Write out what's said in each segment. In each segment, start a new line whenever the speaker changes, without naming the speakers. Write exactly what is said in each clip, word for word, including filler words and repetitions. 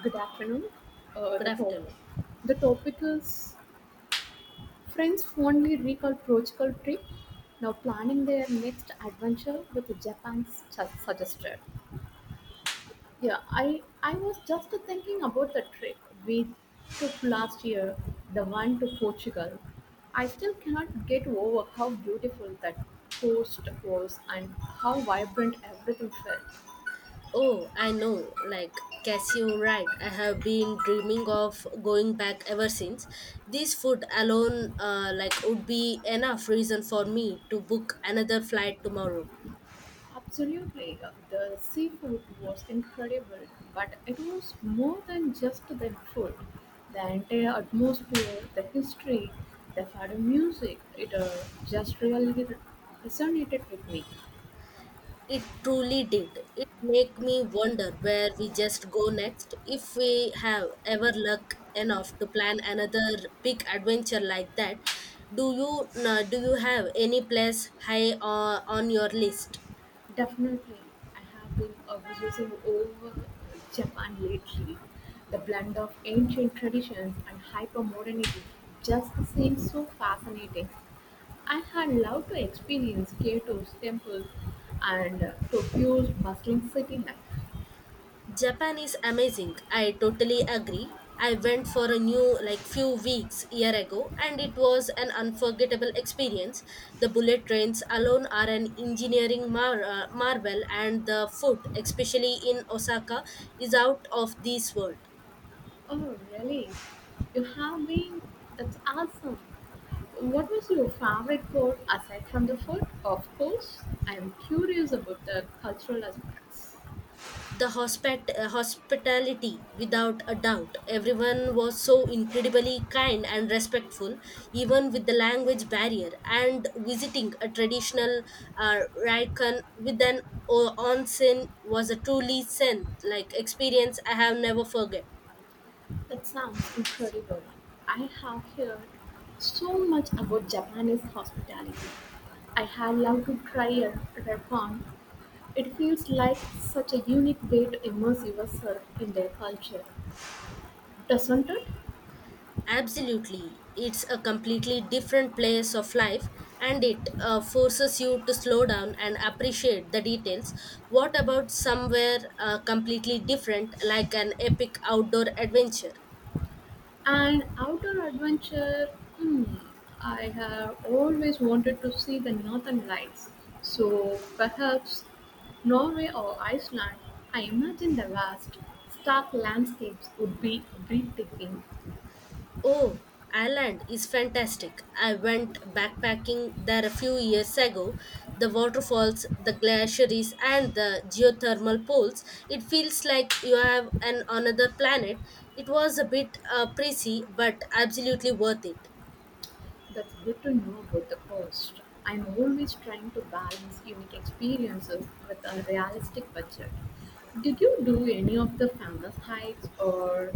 Good afternoon. Uh,
Good
the top,
afternoon.
the topic is friends fondly recall Portugal trip, now planning their next adventure with Japan's su- suggested. Yeah, I I was just thinking about the trip we took last year, the one to Portugal. I still cannot get over how beautiful that coast was and how vibrant everything felt.
Oh, I know, like Cashew, right? I have been dreaming of going back ever since. This food alone, uh, like, would be enough reason for me to book another flight tomorrow.
Absolutely. Uh, The seafood was incredible, but it was more than just the food. The entire atmosphere, the history, the fado music, it uh, just really resonated with me.
It truly did. It make me wonder where we just go next if we have ever luck enough to plan another big adventure like that. Do you uh, do you have any place high uh, on your list?
Definitely. I have been uh, obsessing over Japan lately. The blend of ancient traditions and hypermodernity just seems so fascinating. I had loved to experience Kyoto's temples and uh, Tokyo's bustling city life.
Japan is amazing. I totally agree. I went for a new like few weeks year ago and it was an unforgettable experience. The bullet trains alone are an engineering mar- uh, marvel, and the food especially in Osaka is out of this world.
Oh, really? You have been? That's awesome. What was your favorite part aside from the food? Of course, I am curious about the cultural aspects.
the hospit- uh, hospitality, without a doubt, everyone was so incredibly kind and respectful even with the language barrier, and visiting a traditional uh, raikon with an o- onsen was a truly sent like experience I have never forget.
That sounds incredible. I have heard so much about Japanese hospitality. I have loved to try a ramen. It feels like such a unique way to immerse yourself in their culture, doesn't it?
Absolutely. It's a completely different place of life, and it uh, forces you to slow down and appreciate the details. What about somewhere uh, completely different, like an epic outdoor adventure?
And outdoor adventure, hmm, I have always wanted to see the northern lights. So perhaps Norway or Iceland, I imagine the vast, stark landscapes would be breathtaking.
Oh, Ireland is fantastic. I went backpacking there a few years ago. The waterfalls, the glaciers, and the geothermal pools. It feels like you have an another planet. It was a bit uh, pricey, but absolutely worth it.
That's good to know about the cost. I'm always trying to balance unique experiences with a realistic budget. Did you do any of the famous hikes or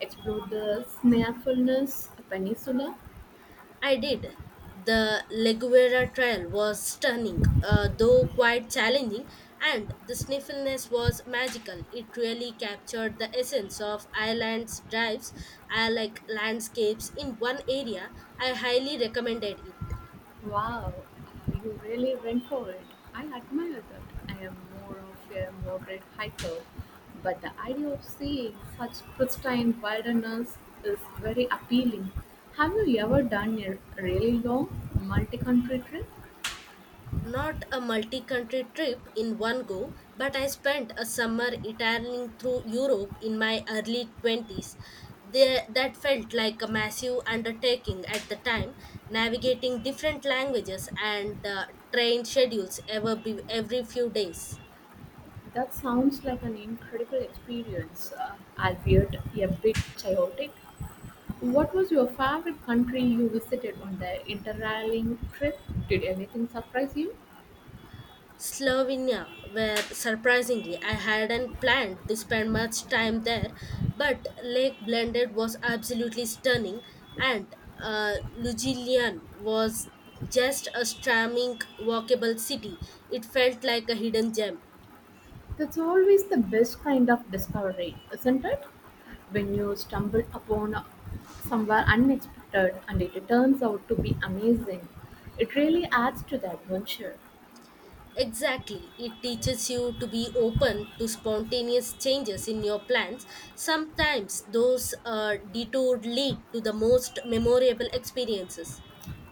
explore the Snaefulness Peninsula?
I did. The Leguera trial was stunning, uh, though quite challenging, and the sniffleness was magical. It really captured the essence of Ireland's drives, I like landscapes in one area. I highly recommended it.
Wow, you really went for it. I admire that. I am more of a moderate hiker, but the idea of seeing such pristine wilderness is very appealing. Have you ever done a really long multi country trip?
Not a multi country trip in one go, but I spent a summer italyaning through Europe in my early twenties. There, that felt like a massive undertaking at the time, navigating different languages and uh, train schedules ever be, every few days.
That sounds like an incredible experience, uh, albeit a bit chaotic. What was your favorite country you visited on the interrailing trip? Did anything surprise you?
Slovenia were surprisingly I hadn't planned to spend much time there, but Lake Blended was absolutely stunning, and uh, Ljubljana was just a charming, walkable city. It felt like a hidden gem.
That's always the best kind of discovery, isn't it? When you stumble upon a- somewhere unexpected and it turns out to be amazing, it really adds to the adventure.
Exactly, it teaches you to be open to spontaneous changes in your plans. Sometimes those uh, detours lead to the most memorable experiences.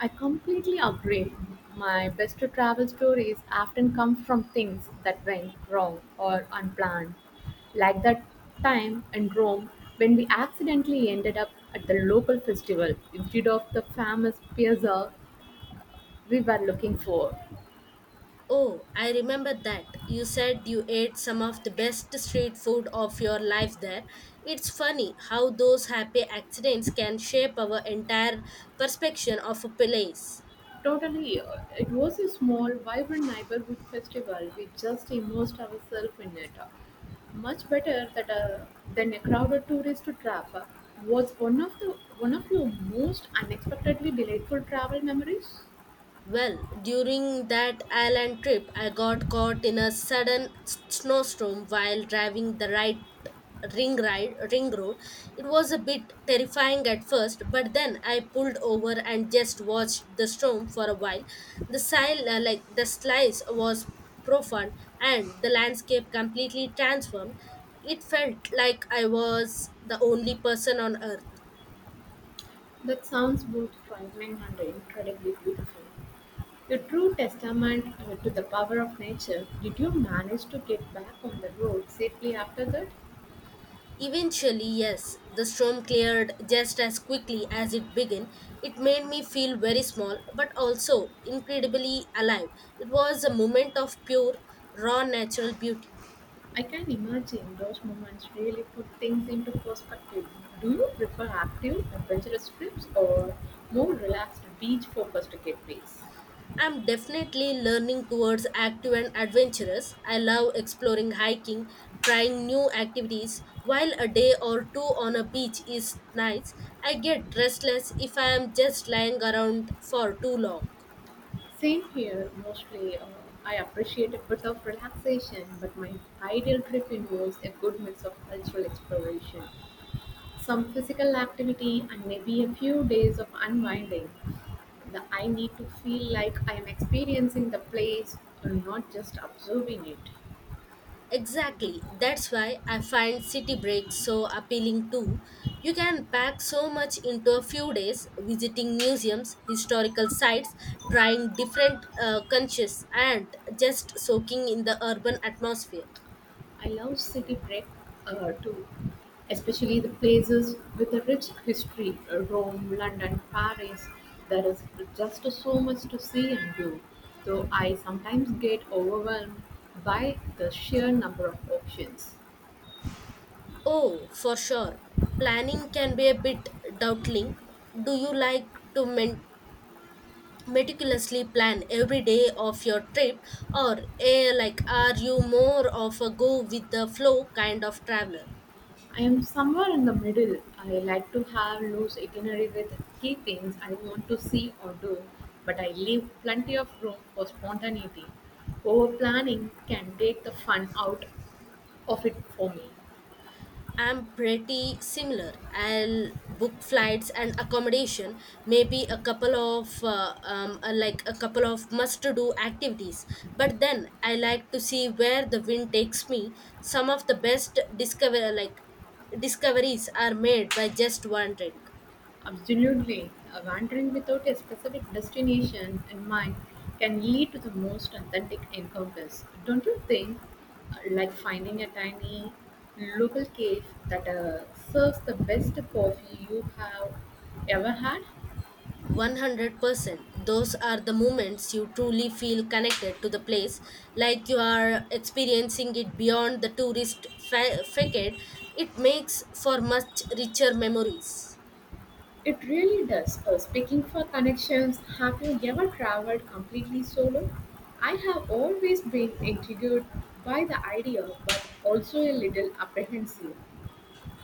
I completely agree. My best travel stories often come from things that went wrong or unplanned, like that time in Rome when we accidentally ended up at the local festival instead of the famous piazza we were looking for.
Oh, I remember that. You said you ate some of the best street food of your life there. It's funny how those happy accidents can shape our entire perception of a place.
Totally, uh, it was a small, vibrant neighborhood festival. We just immersed ourselves in it. uh, Much better that, uh, than a crowded tourist trap. Uh, What's one of the one of your most unexpectedly delightful travel memories?
Well, during that island trip, I got caught in a sudden s- snowstorm while driving the right ring ride ring road. It was a bit terrifying at first, but then I pulled over and just watched the storm for a while. The sil- uh, like the slice was profound, and the landscape completely transformed. It felt like I was the only person on earth.
That sounds both frightening and incredibly beautiful. A true testament uh, to the power of nature. Did you manage to get back on the road safely after that?
Eventually, yes, the storm cleared just as quickly as it began. It made me feel very small, but also incredibly alive. It was a moment of pure, raw natural beauty.
I can imagine those moments really put things into perspective. Do you prefer active, adventurous trips or more relaxed, beach focused getaways?
I'm definitely learning towards active and adventurous. I love exploring hiking, trying new activities. While a day or two on a beach is nice, I get restless if I am just lying around for too long.
Same here, mostly. Uh, I appreciate a bit of relaxation, but my ideal trip involves a good mix of cultural exploration, some physical activity, and maybe a few days of unwinding. The, I need to feel like I am experiencing the place and not just observing it.
Exactly. That's why I find city breaks so appealing too. You can pack so much into a few days, visiting museums, historical sites, trying different uh, cultures, and just soaking in the urban atmosphere.
I love city break uh, too, especially the places with a rich history uh, Rome, London, Paris. There is just so much to see and do, though I sometimes get overwhelmed by the sheer number of options.
Oh, for sure. Planning can be a bit doubtling. Do you like to men- meticulously plan every day of your trip, or eh, like are you more of a go with the flow kind of traveler?
I am somewhere in the middle. I like to have loose itinerary with key things I want to see or do, but I leave plenty of room for spontaneity. Over planning can take the fun out of it for me.
I'm pretty similar. I'll book flights and accommodation, maybe a couple of uh, um, uh, like a couple of must-to-do activities. But then I like to see where the wind takes me. Some of the best discover like discoveries are made by just one drink.
Absolutely. A wandering without a specific destination in mind can lead to the most authentic encounters, don't you think? Uh, Like finding a tiny local cave that uh, serves the best coffee you have ever had?
one hundred percent those are the moments you truly feel connected to the place, like you are experiencing it beyond the tourist fa- facade. It makes for much richer memories.
It really does. Uh, speaking for connections, have you ever traveled completely solo? I have always been intrigued by the idea, but also a little apprehensive.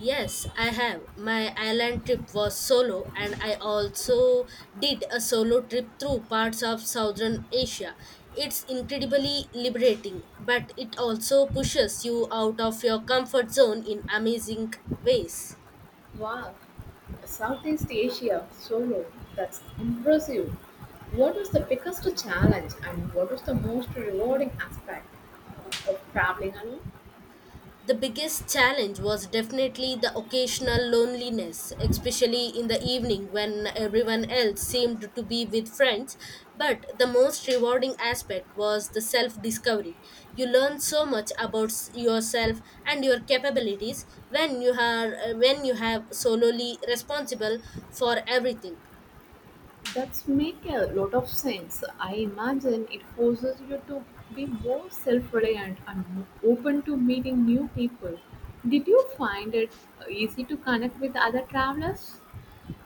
Yes, I have. My island trip was solo, and I also did a solo trip through parts of southern Asia. It's incredibly liberating, but it also pushes you out of your comfort zone in amazing ways.
Wow, Southeast Asia solo, that's impressive. What was the biggest challenge and what was the most rewarding aspect of traveling alone?
The biggest challenge was definitely the occasional loneliness, especially in the evening when everyone else seemed to be with friends. But the most rewarding aspect was the self discovery. You learn so much about s- yourself and your capabilities when you are when you have solely responsible for everything.
That's make a lot of sense. I imagine it forces you to be more self-reliant and more open to meeting new people. Did you find it easy to connect with other travelers?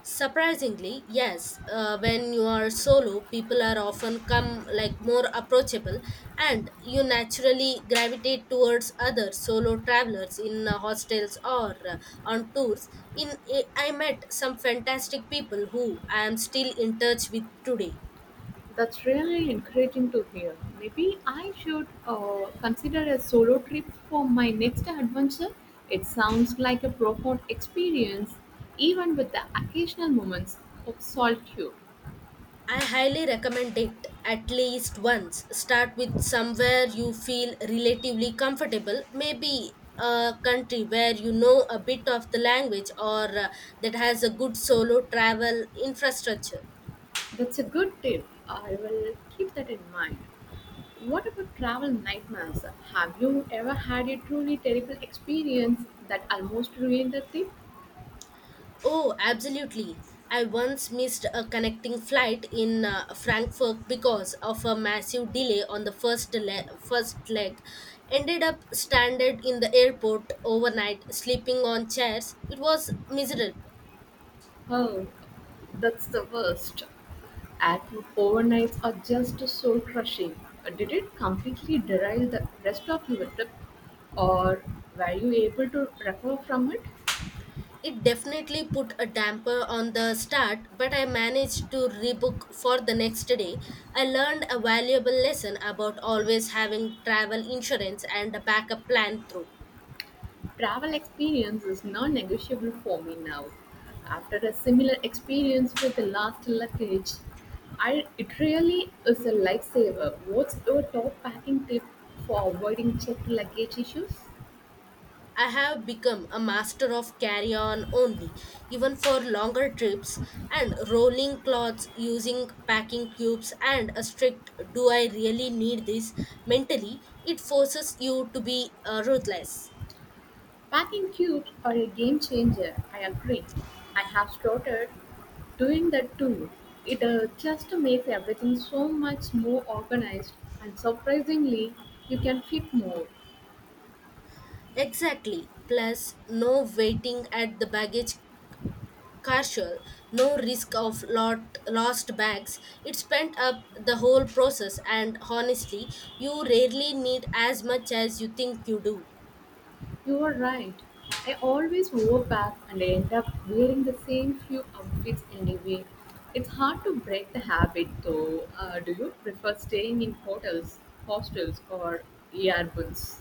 Surprisingly, yes. Uh, when you are solo, people are often come like more approachable, and you naturally gravitate towards other solo travelers in uh, hostels or uh, on tours. In I met some fantastic people who I am still in touch with today.
That's really encouraging to hear. Maybe I should uh, consider a solo trip for my next adventure. It sounds like a profound experience, even with the occasional moments of solitude.
I highly recommend it at least once. Start with somewhere you feel relatively comfortable, maybe a country where you know a bit of the language, or uh, that has a good solo travel infrastructure.
That's a good tip. I will keep that in mind. What about travel nightmares? Have you ever had a truly terrible experience that almost ruined the trip?
Oh, absolutely. I once missed a connecting flight in uh, Frankfurt because of a massive delay on the first le- first leg. Ended up stranded in the airport overnight, sleeping on chairs. It was miserable.
Oh, that's the worst. At overnights are just soul crushing. Did it completely derail the rest of your trip, or were you able to recover from it?
It definitely put a damper on the start, but I managed to rebook for the next day. I learned a valuable lesson about always having travel insurance and a backup plan through.
Travel experience is non negotiable for me now. After a similar experience with the last luggage, I, it really is a lifesaver. What's your top packing tip for avoiding checked luggage issues?
I have become a master of carry on only, even for longer trips, and rolling cloths using packing cubes and a strict do I really need this mentally, it forces you to be uh, ruthless.
Packing cubes are a game changer, I agree. I have started doing that too. It uh, just makes everything so much more organized, and surprisingly, you can fit more.
Exactly. Plus, no waiting at the baggage carousel, no risk of lot, lost bags. It spent up the whole process, and honestly, you rarely need as much as you think you do.
You are right. I always overpack and I end up wearing the same few outfits anyway. It's hard to break the habit though. Uh, do you prefer staying in hotels, hostels, or Airbnbs?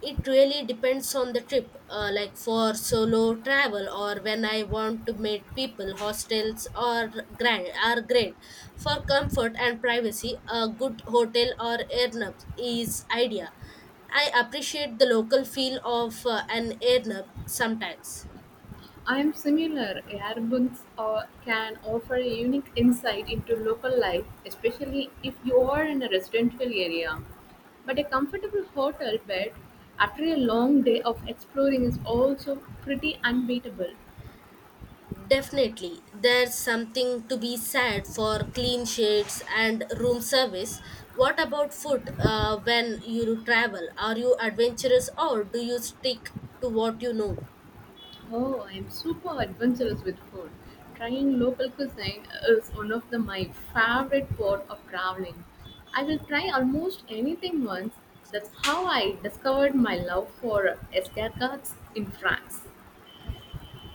It really depends on the trip. Uh, like, for solo travel, or when I want to meet people, hostels or grand are great. For comfort and privacy, a good hotel or Airbnb is idea. I appreciate the local feel of uh, an Airbnb sometimes.
I'm similar, Airbnbs are, can offer a unique insight into local life, especially if you are in a residential area. But a comfortable hotel bed after a long day of exploring is also pretty unbeatable.
Definitely, there's something to be said for clean sheets and room service. What about food uh, when you travel? Are you adventurous, or do you stick to what you know?
Oh, I'm super adventurous with food. Trying local cuisine is one of the, my favorite part of traveling. I will try almost anything once. That's how I discovered my love for escargots in France.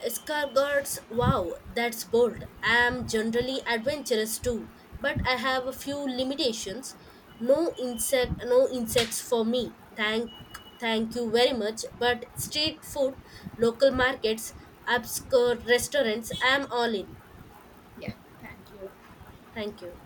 Escargots, wow, that's bold. I am generally adventurous too, but I have a few limitations. No insect, no insects for me. Thank, thank you very much. But street food, local markets, obscure restaurants, I am all in.
Yeah, thank you.
Thank you.